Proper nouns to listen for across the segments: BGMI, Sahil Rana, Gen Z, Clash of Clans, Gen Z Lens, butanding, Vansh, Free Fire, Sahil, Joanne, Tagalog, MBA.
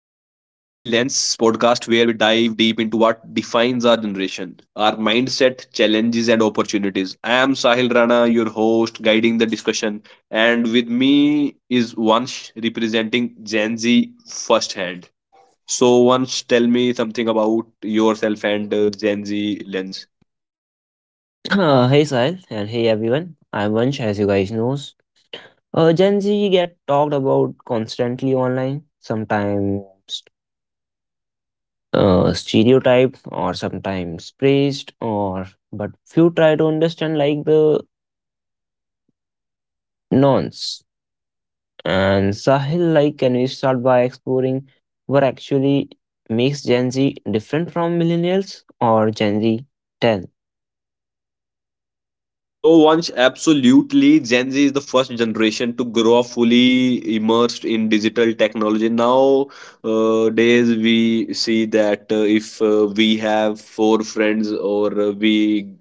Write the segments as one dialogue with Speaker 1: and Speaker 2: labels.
Speaker 1: Lens podcast where we dive deep into what defines our generation, our mindset, challenges, and opportunities. I am Sahil Rana, your host, guiding the discussion, and with me is Vansh representing Gen Z firsthand. So, Vansh, tell me something about yourself and Gen Z Lens.
Speaker 2: Hey Sahil and hey everyone. I'm Vansh as you guys knows. Gen Z get talked about constantly online, sometimes stereotyped or sometimes praised or but few try to understand like the nonce. And Sahil, like can we start by exploring what actually makes Gen Z different from millennials or Gen Z 10?
Speaker 1: So once absolutely Gen Z is the first generation to grow up fully immersed in digital technology. Now days we see that if we have four friends or we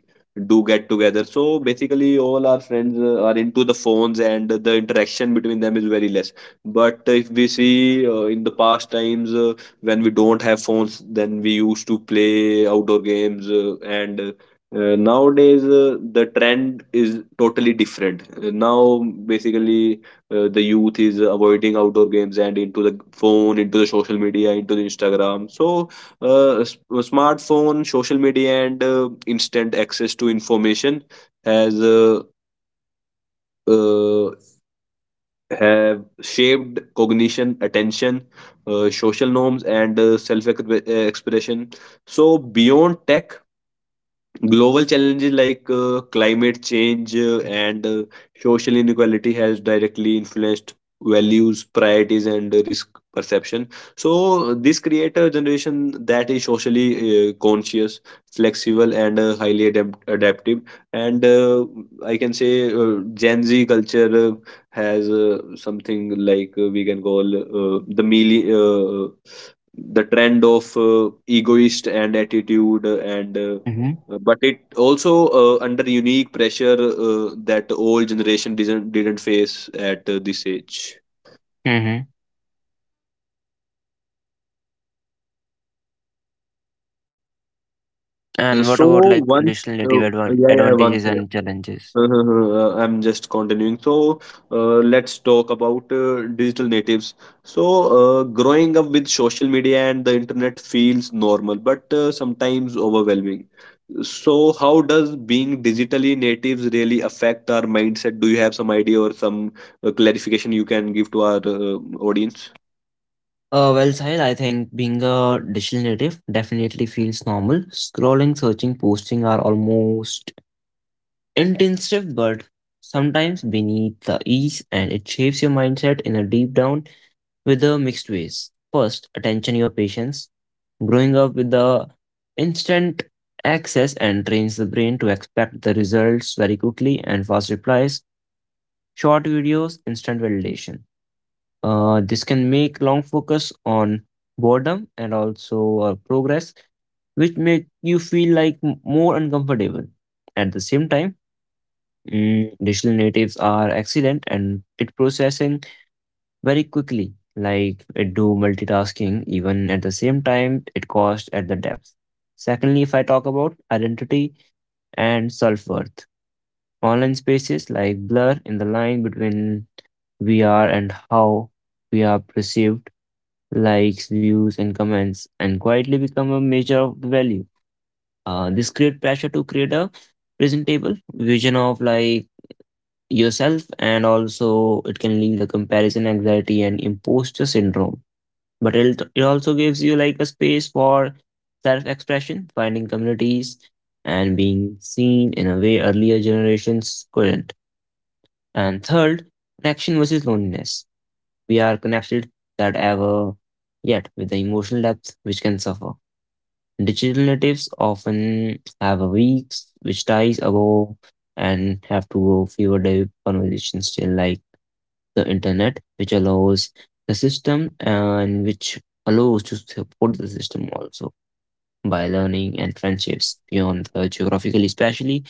Speaker 1: do get together, so basically all our friends are into the phones and the interaction between them is very less. But if we see in the past times when we don't have phones, then we used to play outdoor games and nowadays, the trend is totally different. Now, basically, the youth is avoiding outdoor games and into the phone, into the social media, into the Instagram. So, smartphone, social media, and instant access to information has uh, have shaped cognition, attention, social norms, and self-expression. So, beyond tech, global challenges like climate change and social inequality has directly influenced values, priorities, and risk perception. So this create a generation that is socially conscious, flexible, and highly adaptive. And I can say Gen Z culture has something like we can call uh, the trend of egoist and attitude and
Speaker 2: Mm-hmm.
Speaker 1: but it also under unique pressure that old generation didn't face at this age.
Speaker 2: Mm-hmm. And what
Speaker 1: So
Speaker 2: about like
Speaker 1: once
Speaker 2: additional
Speaker 1: uh, yeah yeah
Speaker 2: advantages
Speaker 1: once
Speaker 2: and challenges?
Speaker 1: I'm just continuing. So, let's talk about digital natives. So, growing up with social media and the internet feels normal, but sometimes overwhelming. So, how does being digitally natives really affect our mindset? Do you have some idea or some clarification you can give to our audience?
Speaker 2: Well, Sahil, I think being a digital native definitely feels normal. Scrolling, searching, posting are almost intensive, but sometimes beneath the ease, and it shapes your mindset in a deep down with the mixed ways. First, attention, your patience. Growing up with the instant access and trains the brain to expect the results very quickly and fast replies, short videos, instant validation. This can make long focus on boredom and also progress, which make you feel like more uncomfortable. At the same time, digital natives are excellent and it processing very quickly, like it do multitasking even at the same time it costs at the depth. Secondly, if I talk about identity and self-worth, online spaces like blur in the line between we are and how we are perceived likes, views, and comments, and quietly become a measure of the value. This create pressure to create a presentable vision of like yourself, and also it can lead to comparison anxiety and imposter syndrome. But it also gives you like a space for self-expression, finding communities, and being seen in a way earlier generations couldn't. And third, connection versus loneliness. We are connected that ever yet with the emotional depth which can suffer. Digital natives often have a weeks which ties ago and have to go fewer day conversations still like the internet, which allows the system and which allows to support the system also by learning and friendships beyond the geographically especially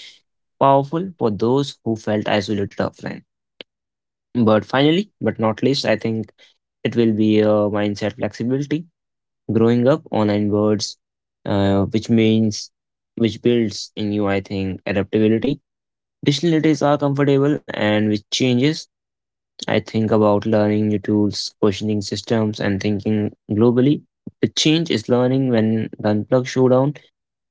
Speaker 2: powerful for those who felt isolated offline. But finally, but not least, I think it will be a mindset flexibility growing up online words, which means which builds in you, I think, adaptability. Digital natives are comfortable and with changes. I think about learning new tools, questioning systems, and thinking globally. The change is learning when the unplug showdown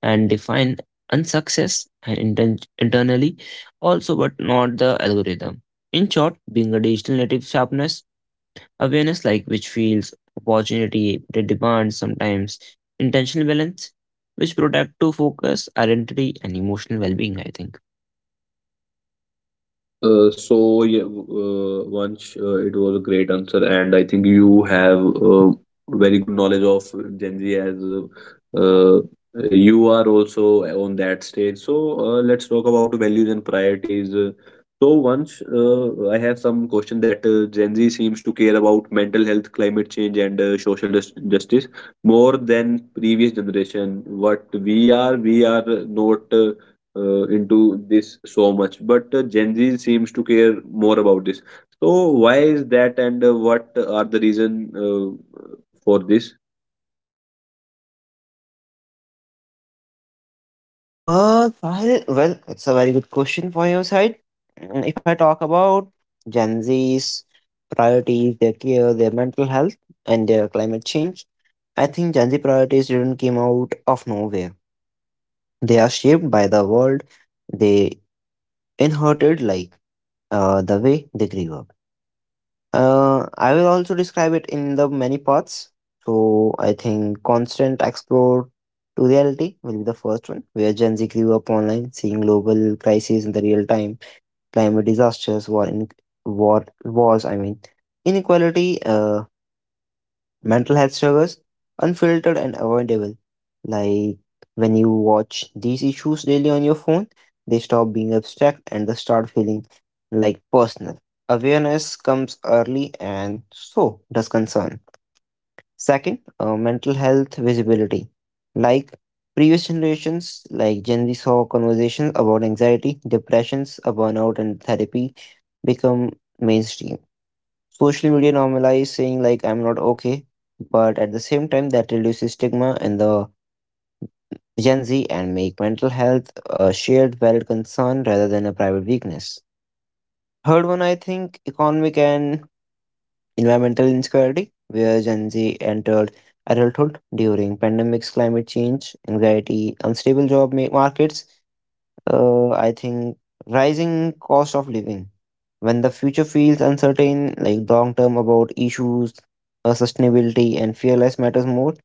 Speaker 2: and define unsuccess and internally also, but not the algorithm. In short, being a digital native sharpness awareness, like which feels opportunity, they demand sometimes, intentional balance, which protect to focus, identity, and emotional well being, I think.
Speaker 1: Vansh, it was a great answer, and I think you have uh, very good knowledge of Gen Z as uh, you are also on that stage. So let's talk about values and priorities. So Vansh, I have some question that Gen Z seems to care about mental health, climate change, and social justice more than previous generation. What we are not. Into this so much, but Gen Z seems to care more about this. So why is that, and what are the reason for this?
Speaker 2: Sahil, well, it's a very good question for your side. If I talk about Gen Z's priorities, their care, their mental health, and their climate change, I think Gen Z priorities didn't came out of nowhere. They are shaped by the world they inherited, like the way they grew up. I will also describe it in the many parts. So I think constant explore to reality will be the first one, where Gen Z grew up online, seeing global crises in the real time, climate disasters, war, in, war wars. I mean, inequality. Mental health struggles unfiltered and avoidable like when you watch these issues daily on your phone, they stop being abstract and they start feeling like personal awareness comes early, and so does concern. Second, mental health visibility, like previous generations, like Gen Z saw conversations about anxiety, depressions, a burnout, and therapy become mainstream. Social media normalize saying like I'm not okay, but at the same time that reduces stigma in the Gen Z and make mental health a shared valid concern rather than a private weakness. Third one, I think economic and environmental insecurity, where Gen Z entered adulthood during pandemics, climate change, anxiety, unstable markets, I think rising cost of living. When the future feels uncertain, like long term about issues, sustainability, and fear less matters more,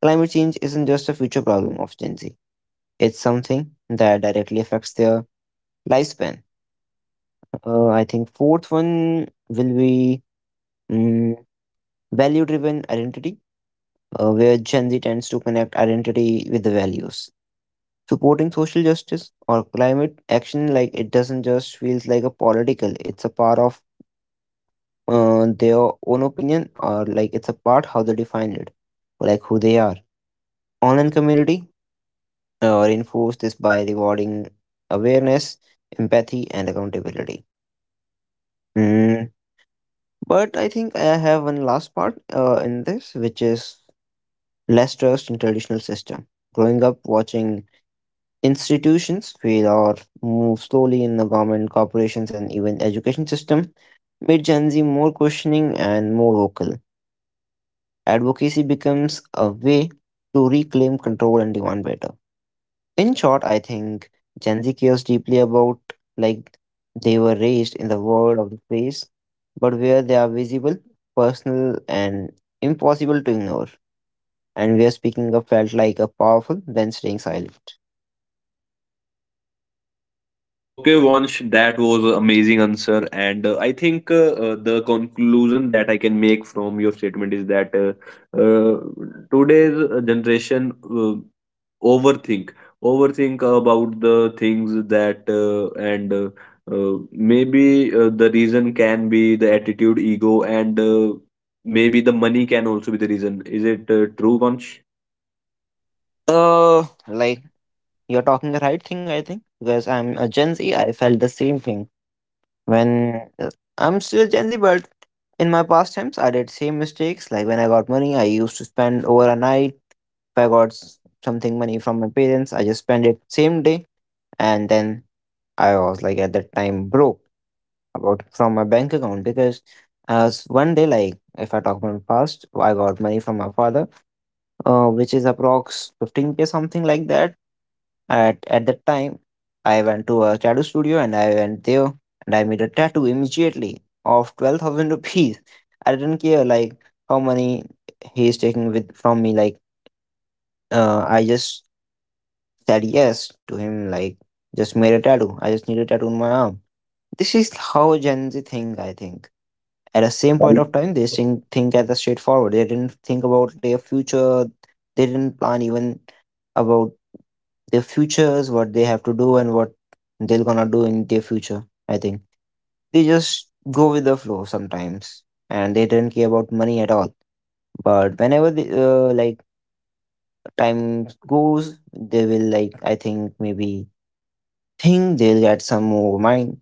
Speaker 2: climate change isn't just a future problem of Gen Z. It's something that directly affects their lifespan. I think fourth one will be value driven identity, where Gen Z tends to connect identity with the values. Supporting social justice or climate action, like it doesn't just feels like a political. It's a part of their own opinion, or like it's a part how they define it, like who they are. Online community reinforce this by rewarding awareness, empathy, and accountability. Mm. But I think I have one last part in this, which is less trust in traditional system. Growing up watching institutions fail or move slowly in the government, corporations, and even education system made Gen Z more questioning and more vocal. Advocacy becomes a way to reclaim control and demand better. In short, I think Gen Z cares deeply about like they were raised in the world of the place, but where they are visible, personal, and impossible to ignore, and where speaking up felt like a powerful than staying silent.
Speaker 1: Okay, Vansh, that was an amazing answer, and I think the conclusion that I can make from your statement is that uh, today's generation overthink. Overthink about the things that, and maybe the reason can be the attitude, ego, and maybe the money can also be the reason. Is it true, Vansh?
Speaker 2: So, like, you're talking the right thing, I think, because I'm a Gen Z. I felt the same thing when I'm still Gen Z, but in my past times, I did same mistakes. Like when I got money, I used to spend over a night. If I got something money from my parents, I just spent it same day, and then I was like at that time broke about from my bank account because one day like if I talk about past, I got money from my father, which is approx 15K something like that at that time, I went to a tattoo studio and I went there and I made a tattoo immediately of 12,000 rupees. I didn't care like how money he is taking with from me. I just said yes to him. Like just made a tattoo. I just need a tattoo on my arm. This is how Gen Z think. I think at the same point of time, they think as a straightforward. They didn't think about their future. They didn't plan even about their futures, what they have to do, and what they're gonna do in their future. I think they just go with the flow sometimes, and they don't care about money at all. But whenever the like time goes, they will like I think maybe think they'll get some more mind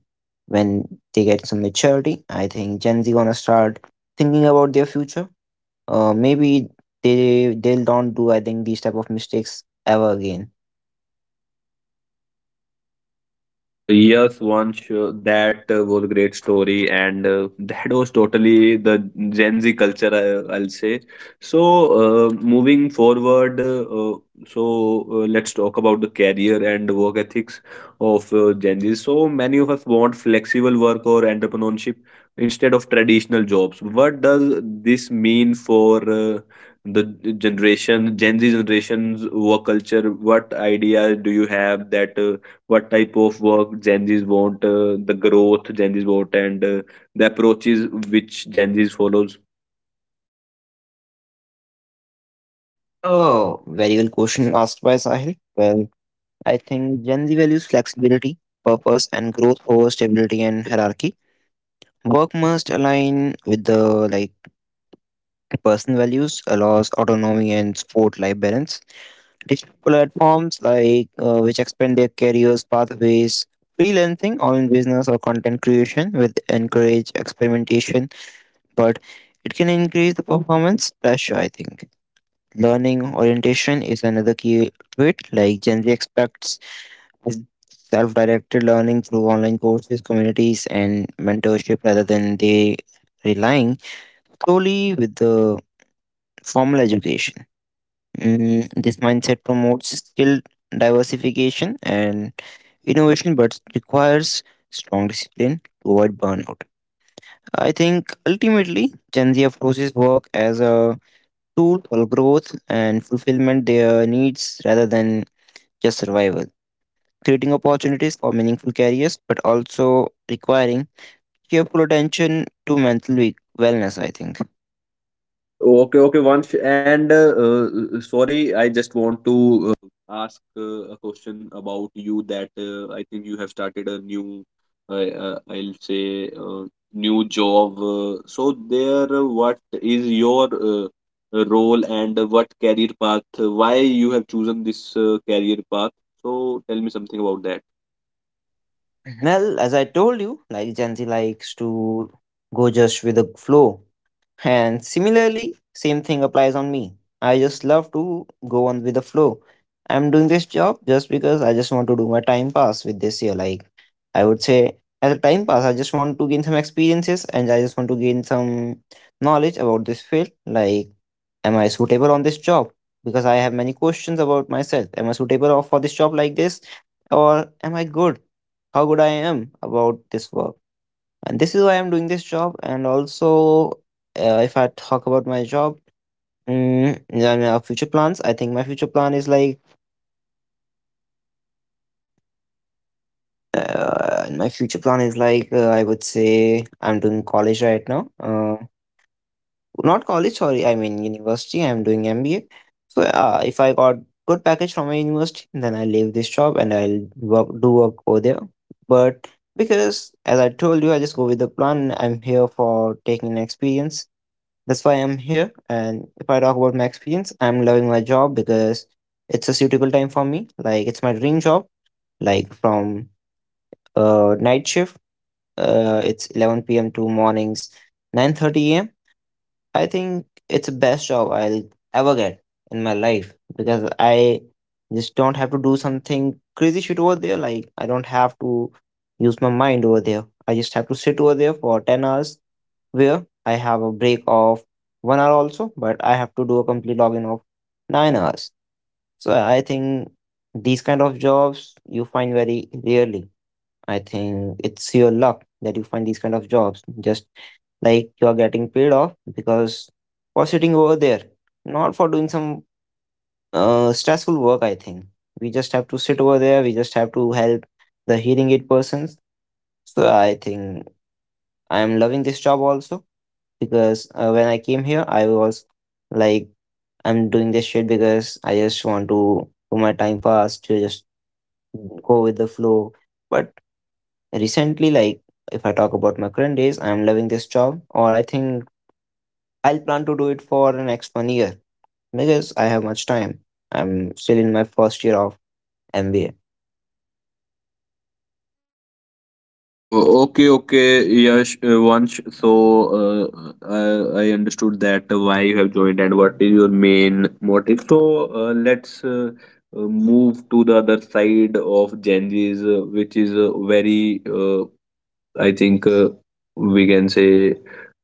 Speaker 2: when they get some maturity. I think Gen Z gonna start thinking about their future. Maybe they'll don't do I think these type of mistakes ever again.
Speaker 1: Yes, one show that was a great story, and that was totally the Gen Z culture, I'll say. So, moving forward, let's talk about the career and work ethics of Gen Z. So, many of us want flexible work or entrepreneurship instead of traditional jobs. What does this mean for the generation, Gen Z generation's work culture? What ideas do you have that? What type of work Gen Zs want, the growth Gen Zs want, and the approaches which Gen Zs follows.
Speaker 2: Oh, very well question asked by Sahil. Well, I think Gen Z values flexibility, purpose, and growth over stability and hierarchy. Work must align with the like personal values, allows autonomy and sport life balance. Digital platforms which expand their careers pathways, freelancing, online business, or content creation with encourage experimentation, but it can increase the performance pressure. I think learning orientation is another key trait. Like Gen Z expects is self-directed learning through online courses, communities, and mentorship rather than they relying solely with the formal education. This mindset promotes skill diversification and innovation, but requires strong discipline to avoid burnout. I think ultimately Gen Z approaches work as a tool for growth and fulfillment their needs rather than just survival, creating opportunities for meaningful careers, but also requiring careful attention to mental wellness, I think.
Speaker 1: Okay, okay, Vansh. And sorry, I just want.
Speaker 2: Mhm. Well, as I told you, like Gen Z likes to go just with the flow, and similarly, same thing applies on me. I just love to go on with the flow. I'm doing this job just because I just want to do my time pass with this year. Like I would say as a time pass, I just want to gain some experiences and I just want to gain some knowledge about this field. Like am I suitable on this job? Because I have many questions about myself. Am I for this job like this? Or am I good? How good I am about this work? And this is why I'm doing this job. And also, if I talk about my job, and our future plans, I think my future plan is like I would say I'm doing college right now, not college, sorry, I mean university. I'm doing MBA. So, if I got good package from my university, then I leave this job and I'll work, do work over there. But because as I told you, I just go with the plan. I'm here for taking an experience. That's why I'm here. And if I talk about my experience, I'm loving my job because it's a suitable time for me. Like it's my dream job. Like from night shift, it's 11 p.m. to mornings 9:30 a.m. I think it's the best job I'll ever get in my life because I just don't have to do something crazy shit over there. Like I don't have to use my mind over there. I just have to sit over there for 10 hours where I have a break of 1 hour also, but I have to do a complete login of 9 hours. So I think these kind of jobs you find very rarely. I think it's your luck that you find these kind of jobs. Just like you are getting paid off because for sitting over there, not for doing some stressful work. I think we just have to sit over there. We just have to help the hearing aid persons. So I think I am loving this job also because when I came here, I was like, I'm doing this shit because I just want to do my time pass to just go with the flow. But recently, like, if I talk about my current days, I'm loving this job, or I think I'll plan to do it for the next 1 year because I have much time. I'm still in my first year of MBA.
Speaker 1: Okay, okay, Yash, Vansh. So, I understood that why you have joined and what is your main motive. So, let's move to the other side of Gen Z's, which is very I think we can say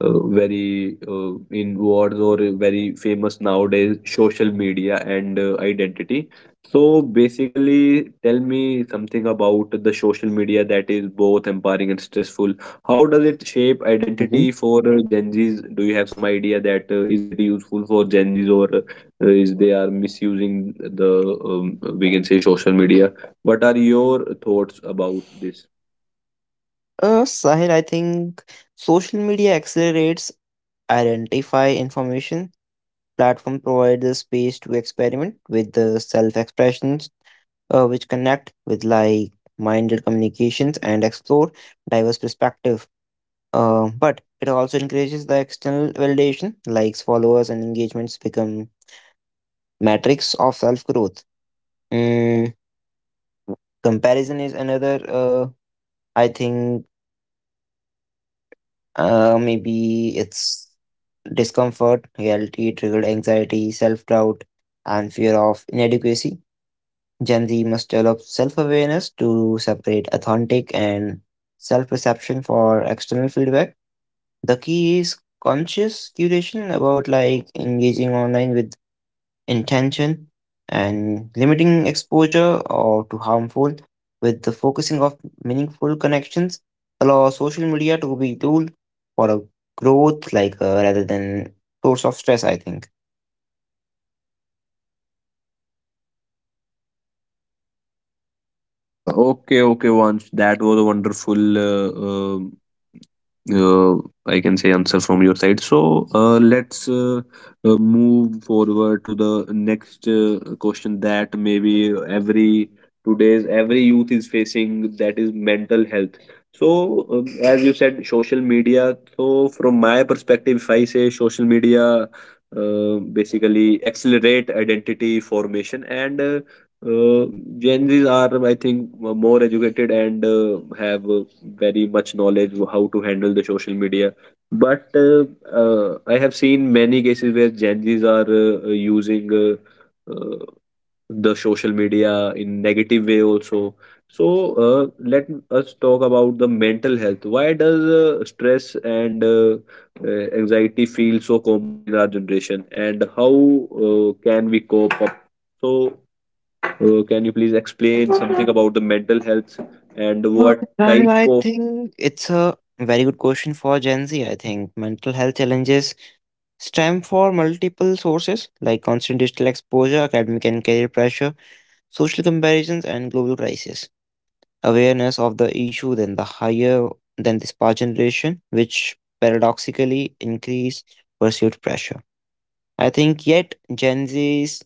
Speaker 1: very in words or very famous nowadays social media and identity. So basically, tell me something about the social media that is both empowering and stressful. How does it shape
Speaker 2: Hmm.
Speaker 1: identity for Gen Zs? Do you have some idea that is it useful for Gen Zs, or is they are misusing the we can say social media? What are your thoughts about this?
Speaker 2: Sahil, I think social media accelerates identify information, platform provide the space to experiment with the self expressions, which connect with like minded communications and explore diverse perspective, but it also encourages the external validation, likes, followers, and engagements become metrics of self growth. mm, Comparison is another, I think. Maybe it's discomfort reality triggered anxiety, self-doubt, and fear of inadequacy. Gen Z must develop self awareness to separate authentic and self perception for external feedback. The key is conscious curation about like engaging online with intention and limiting exposure or to harmful with the focusing of meaningful connections, allow social media to be tool for a growth, like rather than source of stress, I think.
Speaker 1: Okay, okay, Vansh. That was a wonderful, uh, I can say, answer from your side. So let's move forward to the next question that maybe every today's every youth is facing, that is mental health. So as you said, social media. So from my perspective, if I say social media basically accelerate identity formation, and uh, Gen Zs are, I think, more educated and have very much knowledge of how to handle the social media. But I have seen many cases where Gen Zs are using uh, the social media in negative way also. So let us talk about the mental health. Why does stress and uh, anxiety feel so common in our generation, and how can we cope up? So can you please explain something about the mental health and
Speaker 2: Oh,
Speaker 1: what
Speaker 2: well,
Speaker 1: type
Speaker 2: I
Speaker 1: of.
Speaker 2: think it's a very good question for Gen Z. I think mental health challenges stem from multiple sources like constant digital exposure, academic and career pressure, social comparisons, and global crisis. Awareness of the issue than the higher than this past generation, which paradoxically increase perceived pressure. I think yet Gen Z's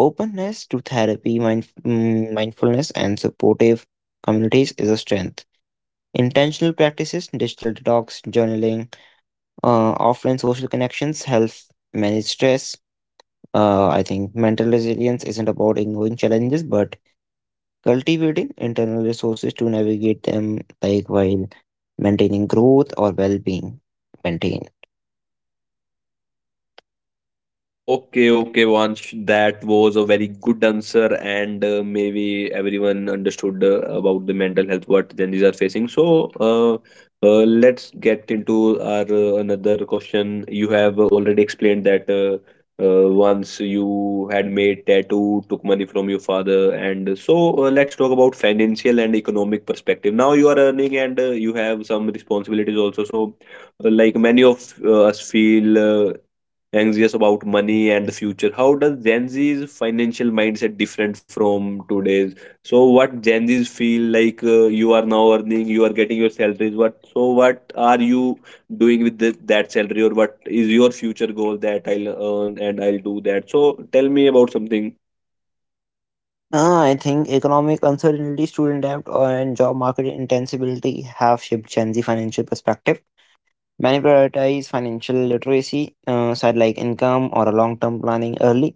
Speaker 2: openness to therapy, mindfulness, and supportive communities is a strength. Intentional practices, digital detox, journaling, offline social connections help manage stress. I think mental resilience isn't about ignoring challenges, but cultivating internal resources to navigate them, like while maintaining growth or well-being. Maintain.
Speaker 1: Okay, okay, Vansh. That was a very good answer, and maybe everyone understood about the mental health what Gen Zs are facing. So, uh, let's get into our another question. You have already explained that once you had made tattoo, took money from your father, and so let's talk about financial and economic perspective. Now you are earning, and you have some responsibilities also. So, like many of us feel anxious about money and the future. How does Gen Z's financial mindset different from today's? So what Gen Z's feel, like you are now earning, you are getting your salaries. What, so what are you doing with that salary, or what is your future goal that I'll earn and I'll do that? So tell me about something.
Speaker 2: I think economic uncertainty, student debt, and job market intensivity have shaped Gen Z financial perspective. Many prioritize financial literacy, side like income or a long-term planning early.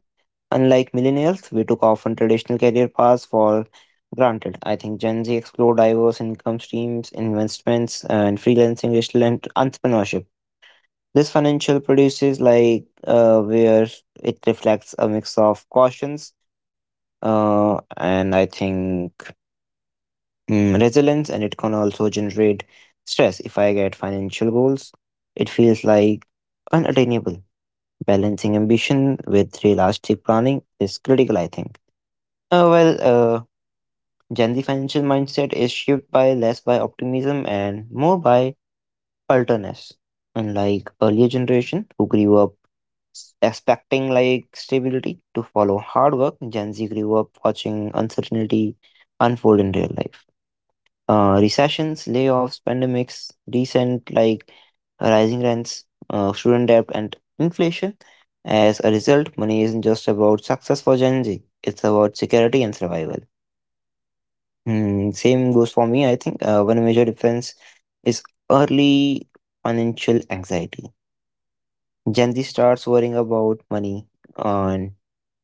Speaker 2: Unlike millennials, we took often traditional career paths for granted. I think Gen Z explore diverse income streams, investments, and freelancing, digital and entrepreneurship. This financial produces like where it reflects a mix of cautions, and I think, resilience, and it can also generate stress if I get financial goals it feels like unattainable. Balancing ambition with realistic planning is critical, I think. Well, Gen Z financial mindset is shaped by less by optimism and more by alterness. Unlike earlier generation who grew up expecting like stability to follow hard work, Gen Z grew up watching uncertainty unfold in real life. Recessions, layoffs, pandemics, recent like rising rents, student debt, and inflation. As a result, money isn't just about success for Gen Z; it's about security and survival. Hmm, same goes for me. I think one major difference is early financial anxiety. Gen Z starts worrying about money on.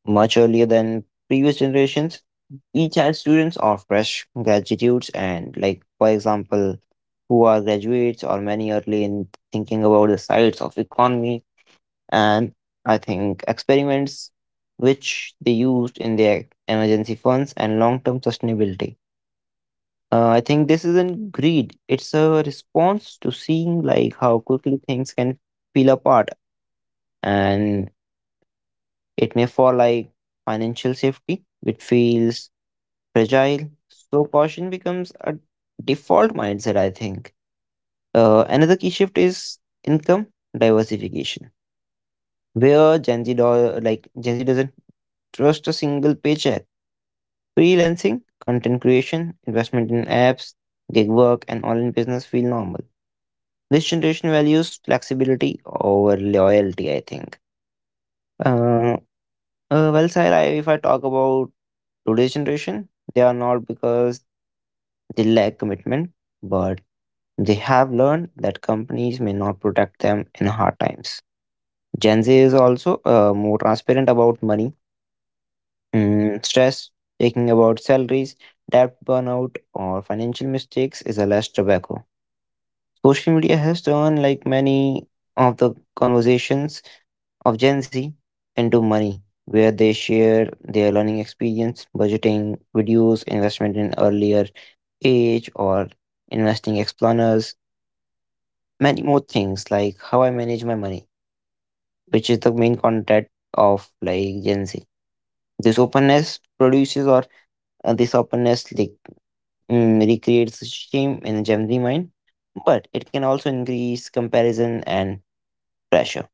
Speaker 2: Much earlier than previous generations, we had students are fresh graduates and like for example who are graduates or many early in thinking about the sides of economy and I think experiments which they used in their emergency funds and long-term sustainability. I think this isn't greed, it's a response to seeing like how quickly things can peel apart and it may fall like financial safety which feels fragile. So caution becomes a default mindset, I think. Another key shift is income diversification, where like Gen Z doesn't trust a single paycheck. Freelancing, content creation, investment in apps, gig work, and online business feel normal. This generation values flexibility over loyalty, I think. Uh, well, Sahil, I, if I talk about today's generation, they are not because they lack commitment, but they have learned that companies may not protect them in hard times. Gen Z is also more transparent about money, stress, thinking about salaries, debt burnout, or financial mistakes is a less tobacco. Social media has turned like many of the conversations of Gen Z into money, where they share their learning experience, budgeting, videos, investment in earlier age, or investing explorers, many more things like how I manage my money, which is the main content of like Gen Z. This openness produces or this openness like, recreates shame in Gen Z mind, but it can also increase comparison and pressure.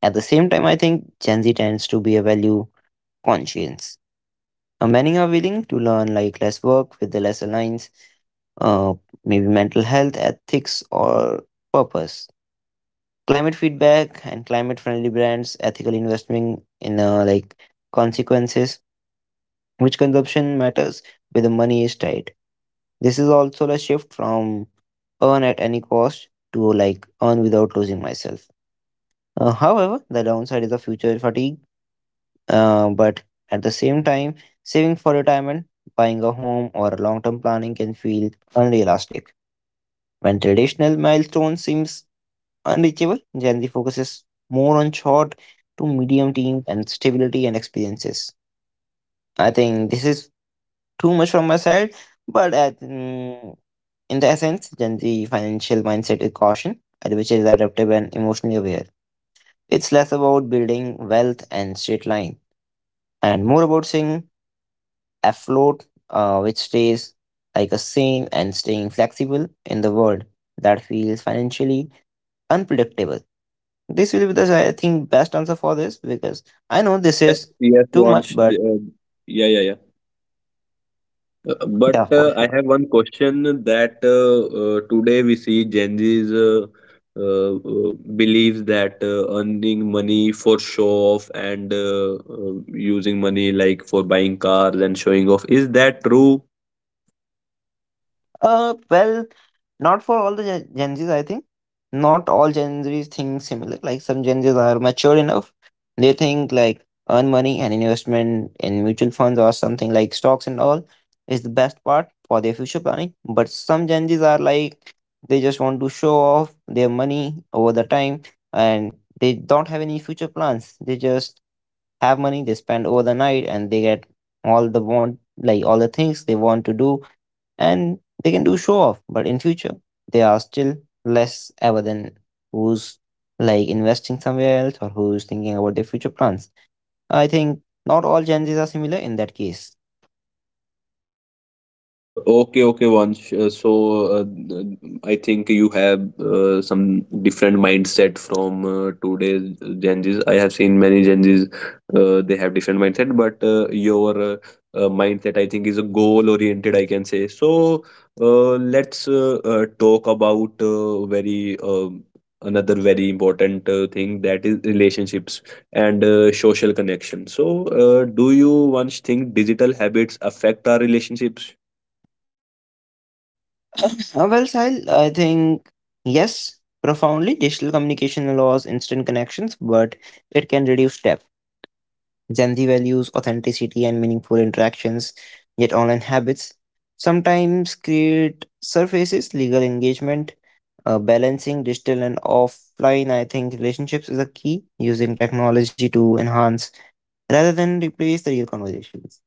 Speaker 2: At the same time, I think Gen Z tends to be a value conscience. Many are willing to learn like less work with the less alliance, uh, maybe mental health, ethics, or purpose. Climate feedback and climate friendly brands, ethical investment in like consequences which consumption matters where the money is tied. This is also a shift from earn at any cost to like earn without losing myself. However, the downside is the future fatigue, but at the same time, saving for retirement, buying a home, or long term planning can feel unrealistic. When traditional milestones seems unreachable, Gen Z focuses more on short to medium team and stability and experiences. I think this is too much from my side, but I, in the essence, Gen Z financial mindset is caution, and which is adaptive and emotionally aware. It's less about building wealth and straight line, and more about staying afloat, which stays like a seam and staying flexible in the world that feels financially unpredictable. This will be the I think best answer for this because I know this
Speaker 1: Yes,
Speaker 2: is
Speaker 1: yes,
Speaker 2: too much,
Speaker 1: Vansh.
Speaker 2: but
Speaker 1: Yeah, yeah, yeah.
Speaker 2: yeah,
Speaker 1: But
Speaker 2: for
Speaker 1: I
Speaker 2: sure.
Speaker 1: have one question that today we see Gen Z's believes that earning money for show off and using money like for buying cars and showing off. Is that true?
Speaker 2: Well, not for all the Gen Zs, I think. Not all Gen Zs think similar. Like some Gen Zs are mature enough. They think like earn money and investment in mutual funds or something like stocks and all is the best part for their future planning. But some Gen Zs are like they just want to show off their money over the time and they don't have any future plans. They just have money, they spend over the night and they get all the want like all the things they want to do and they can do show off but in future they are still less ever than who's like investing somewhere else or who's thinking about their future plans, I think. Not all Gen Z's are similar in that case.
Speaker 1: Okay, okay, Vansh. So, uh, th- I think you have some different mindset from today's Gen Zs. I have seen many Gen Zs, they have different mindset, but your mindset, I think, is a goal-oriented, I can say. So, let's talk about very another very important thing that is relationships and social connection. So, do you, Vansh, think digital habits affect our relationships?
Speaker 2: Well, Sahil, I think yes, profoundly digital communication allows instant connections but it can reduce depth. Gen Z values authenticity and meaningful interactions, yet online habits sometimes create surfaces legal engagement. Balancing digital and offline, I think relationships is a key, using technology to enhance rather than replace the real conversations.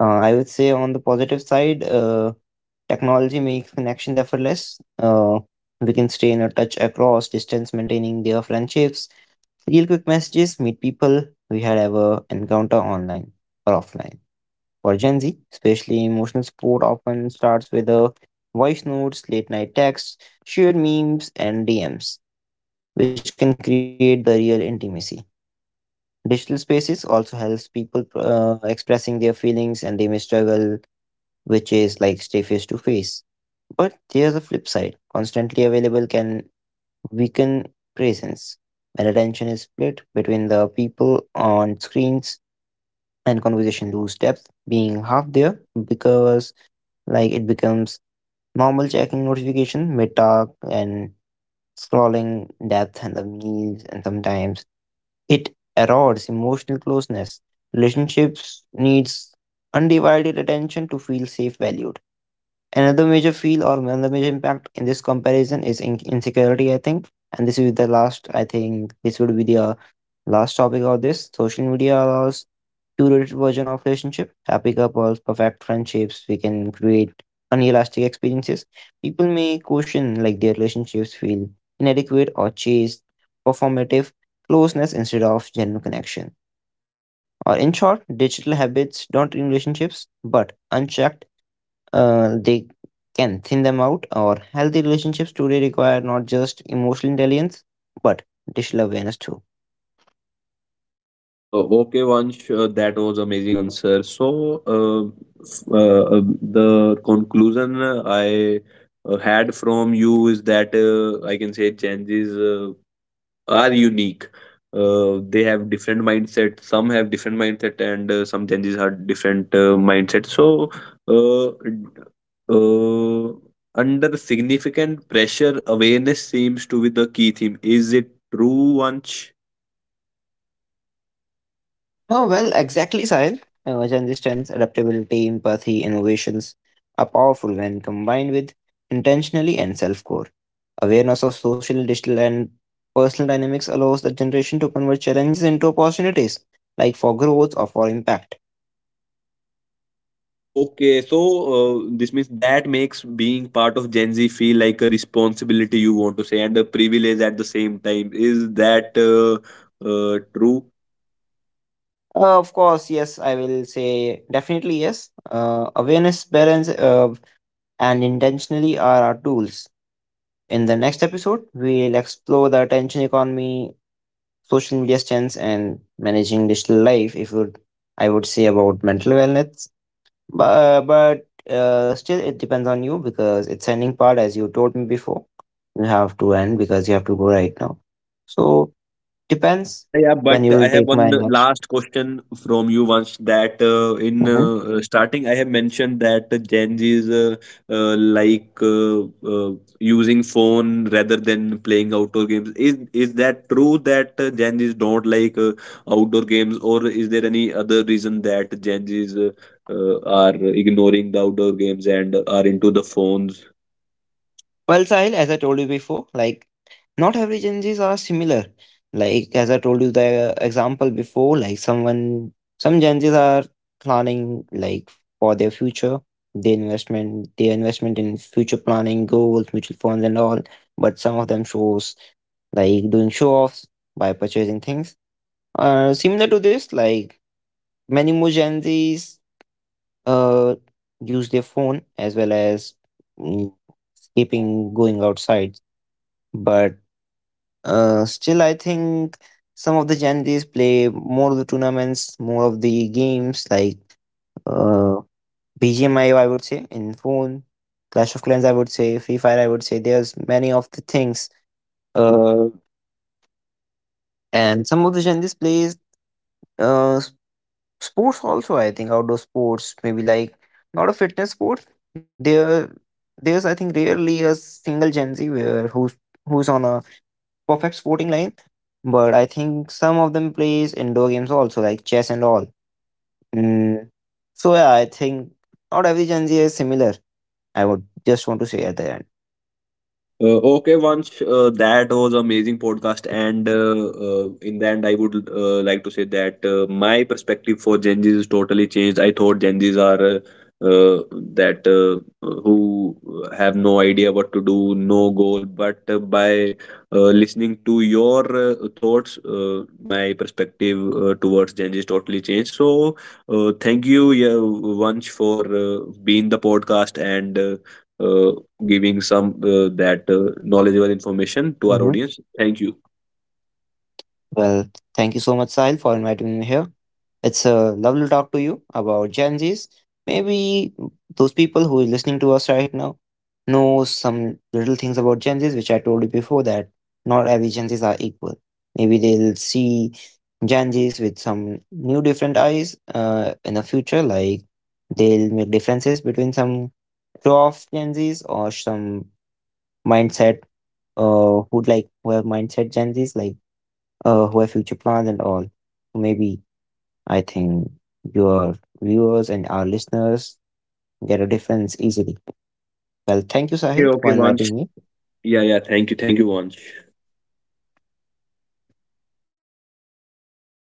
Speaker 2: I would say on the positive side, technology makes connections effortless. uh, we can stay in a touch across distance maintaining their friendships, real quick messages, meet people we had ever encounter online or offline. For Gen Z, especially emotional support often starts with a voice notes, late night texts, shared memes, and DMs, which can create the real intimacy. Digital spaces also helps people expressing their feelings and they may struggle, which is like stay face to face. But there's a flip side. Constantly available can weaken presence. When attention is split between the people on screens and conversation lose depth, being half there because like it becomes normal checking notification, mid talk, and scrolling depth and the memes and sometimes it erodes emotional closeness. Relationships needs undivided attention to feel safe, valued. Another major feel or another major impact in this comparison is insecurity, I think. And this is the last, I think this would be the last topic of this. Social media allows curated version of relationship. So, happy couples, perfect friendships, we can create unelastic experiences. People may question like their relationships feel inadequate or chase performative closeness instead of genuine connection. Or in short, digital habits don't ruin relationships but unchecked, they can thin them out, or healthy relationships today require not just emotional intelligence but digital awareness too.
Speaker 1: Okay, Vansh, that was amazing answer. So, f- uh, uh, the conclusion I had from you is that I can say changes uh, are unique. They have different mindset. Some have different mindset, and some changes Zs have different mindset. So, uh, uh, under significant pressure, awareness seems to be the key theme. Is it true, Vansh?
Speaker 2: Oh, well, exactly, Sahil. Agenda strengths adaptability, empathy, innovations are powerful when combined with intentionally and self-core. Awareness of social, digital, and personal dynamics allows the generation to convert challenges into opportunities, like for growth or for impact.
Speaker 1: Okay, so this means that makes being part of Gen Z feel like a responsibility, you want to say, and a privilege at the same time. Is that true?
Speaker 2: Of course, yes, I will say definitely yes. Awareness, balance, and intentionally are our tools. In the next episode, we'll explore the attention economy, social media stance, and managing digital life if would I would say about mental wellness, but still it depends on you because it's ending part as you told me before, you have to end because you have to go right now, so depends
Speaker 1: Yeah, yeah,
Speaker 2: when
Speaker 1: but
Speaker 2: you
Speaker 1: I
Speaker 2: will
Speaker 1: have
Speaker 2: take my
Speaker 1: one
Speaker 2: next.
Speaker 1: last question from you once, that uh, in
Speaker 2: Mhm.
Speaker 1: uh, starting I have mentioned that Gen Z is like using phone rather than playing outdoor games. Is that true that Gen Zs don't like outdoor games, or is there any other reason that Gen Zs are ignoring the outdoor games and are into the phones?
Speaker 2: Well, Sahil, as I told you before, like not every Gen Zs are similar. Like as I told you the example before, like someone some Gen Zs are planning like for their future, their investment in future planning, goals, mutual funds and all. But some of them shows like doing show offs by purchasing things. Similar to this, like many more Gen Zs uh use their phone as well as, mm, skipping going outside, but still, I think some of the Gen Zs play more of the tournaments, more of the games like uh, BGMI I would say, in phone, Clash of Clans, I would say, Free Fire, I would say. There's many of the things. Uh, and some of the Gen Zs plays uh, s- sports also, I think, outdoor sports, maybe like not a fitness sport. There, there's, I think, rarely a single Gen Z where who's on a perfect sporting line, but I think some of them plays indoor games also, like chess and all. Mm. So yeah, I think not every Gen Z is similar. I would just want to say at the end.
Speaker 1: Okay, Vansh, that was amazing podcast, and in the end, I would like to say that my perspective for Gen Zs is totally changed. I thought Gen Zs are uh, that who have no idea what to do, no goal, but by listening to your thoughts, my perspective towards Gen Z is totally changed. So, thank you, yeah, Vansh, for being the podcast and. Uh, Giving some that knowledgeable information to our
Speaker 2: Mhm.
Speaker 1: audience. Thank you.
Speaker 2: Well, thank you so much, Sahil, for inviting me here. It's a lovely talk to you about Gen Zs. Maybe those people who are listening to us right now know some little things about Gen Zs, which I told you before that not every Gen Zs are equal. Maybe they'll see Gen Zs with some new different eyes in the future, like they'll make differences between some show off Gen Zs or some mindset who like who have mindset Gen Zs like who have future plans and all. So maybe I think your viewers and our listeners get a difference easily. Well, thank you,
Speaker 1: Okay,
Speaker 2: Sahil,
Speaker 1: okay,
Speaker 2: for
Speaker 1: Vansh.
Speaker 2: inviting me.
Speaker 1: Yeah, yeah. Thank you, Vansh.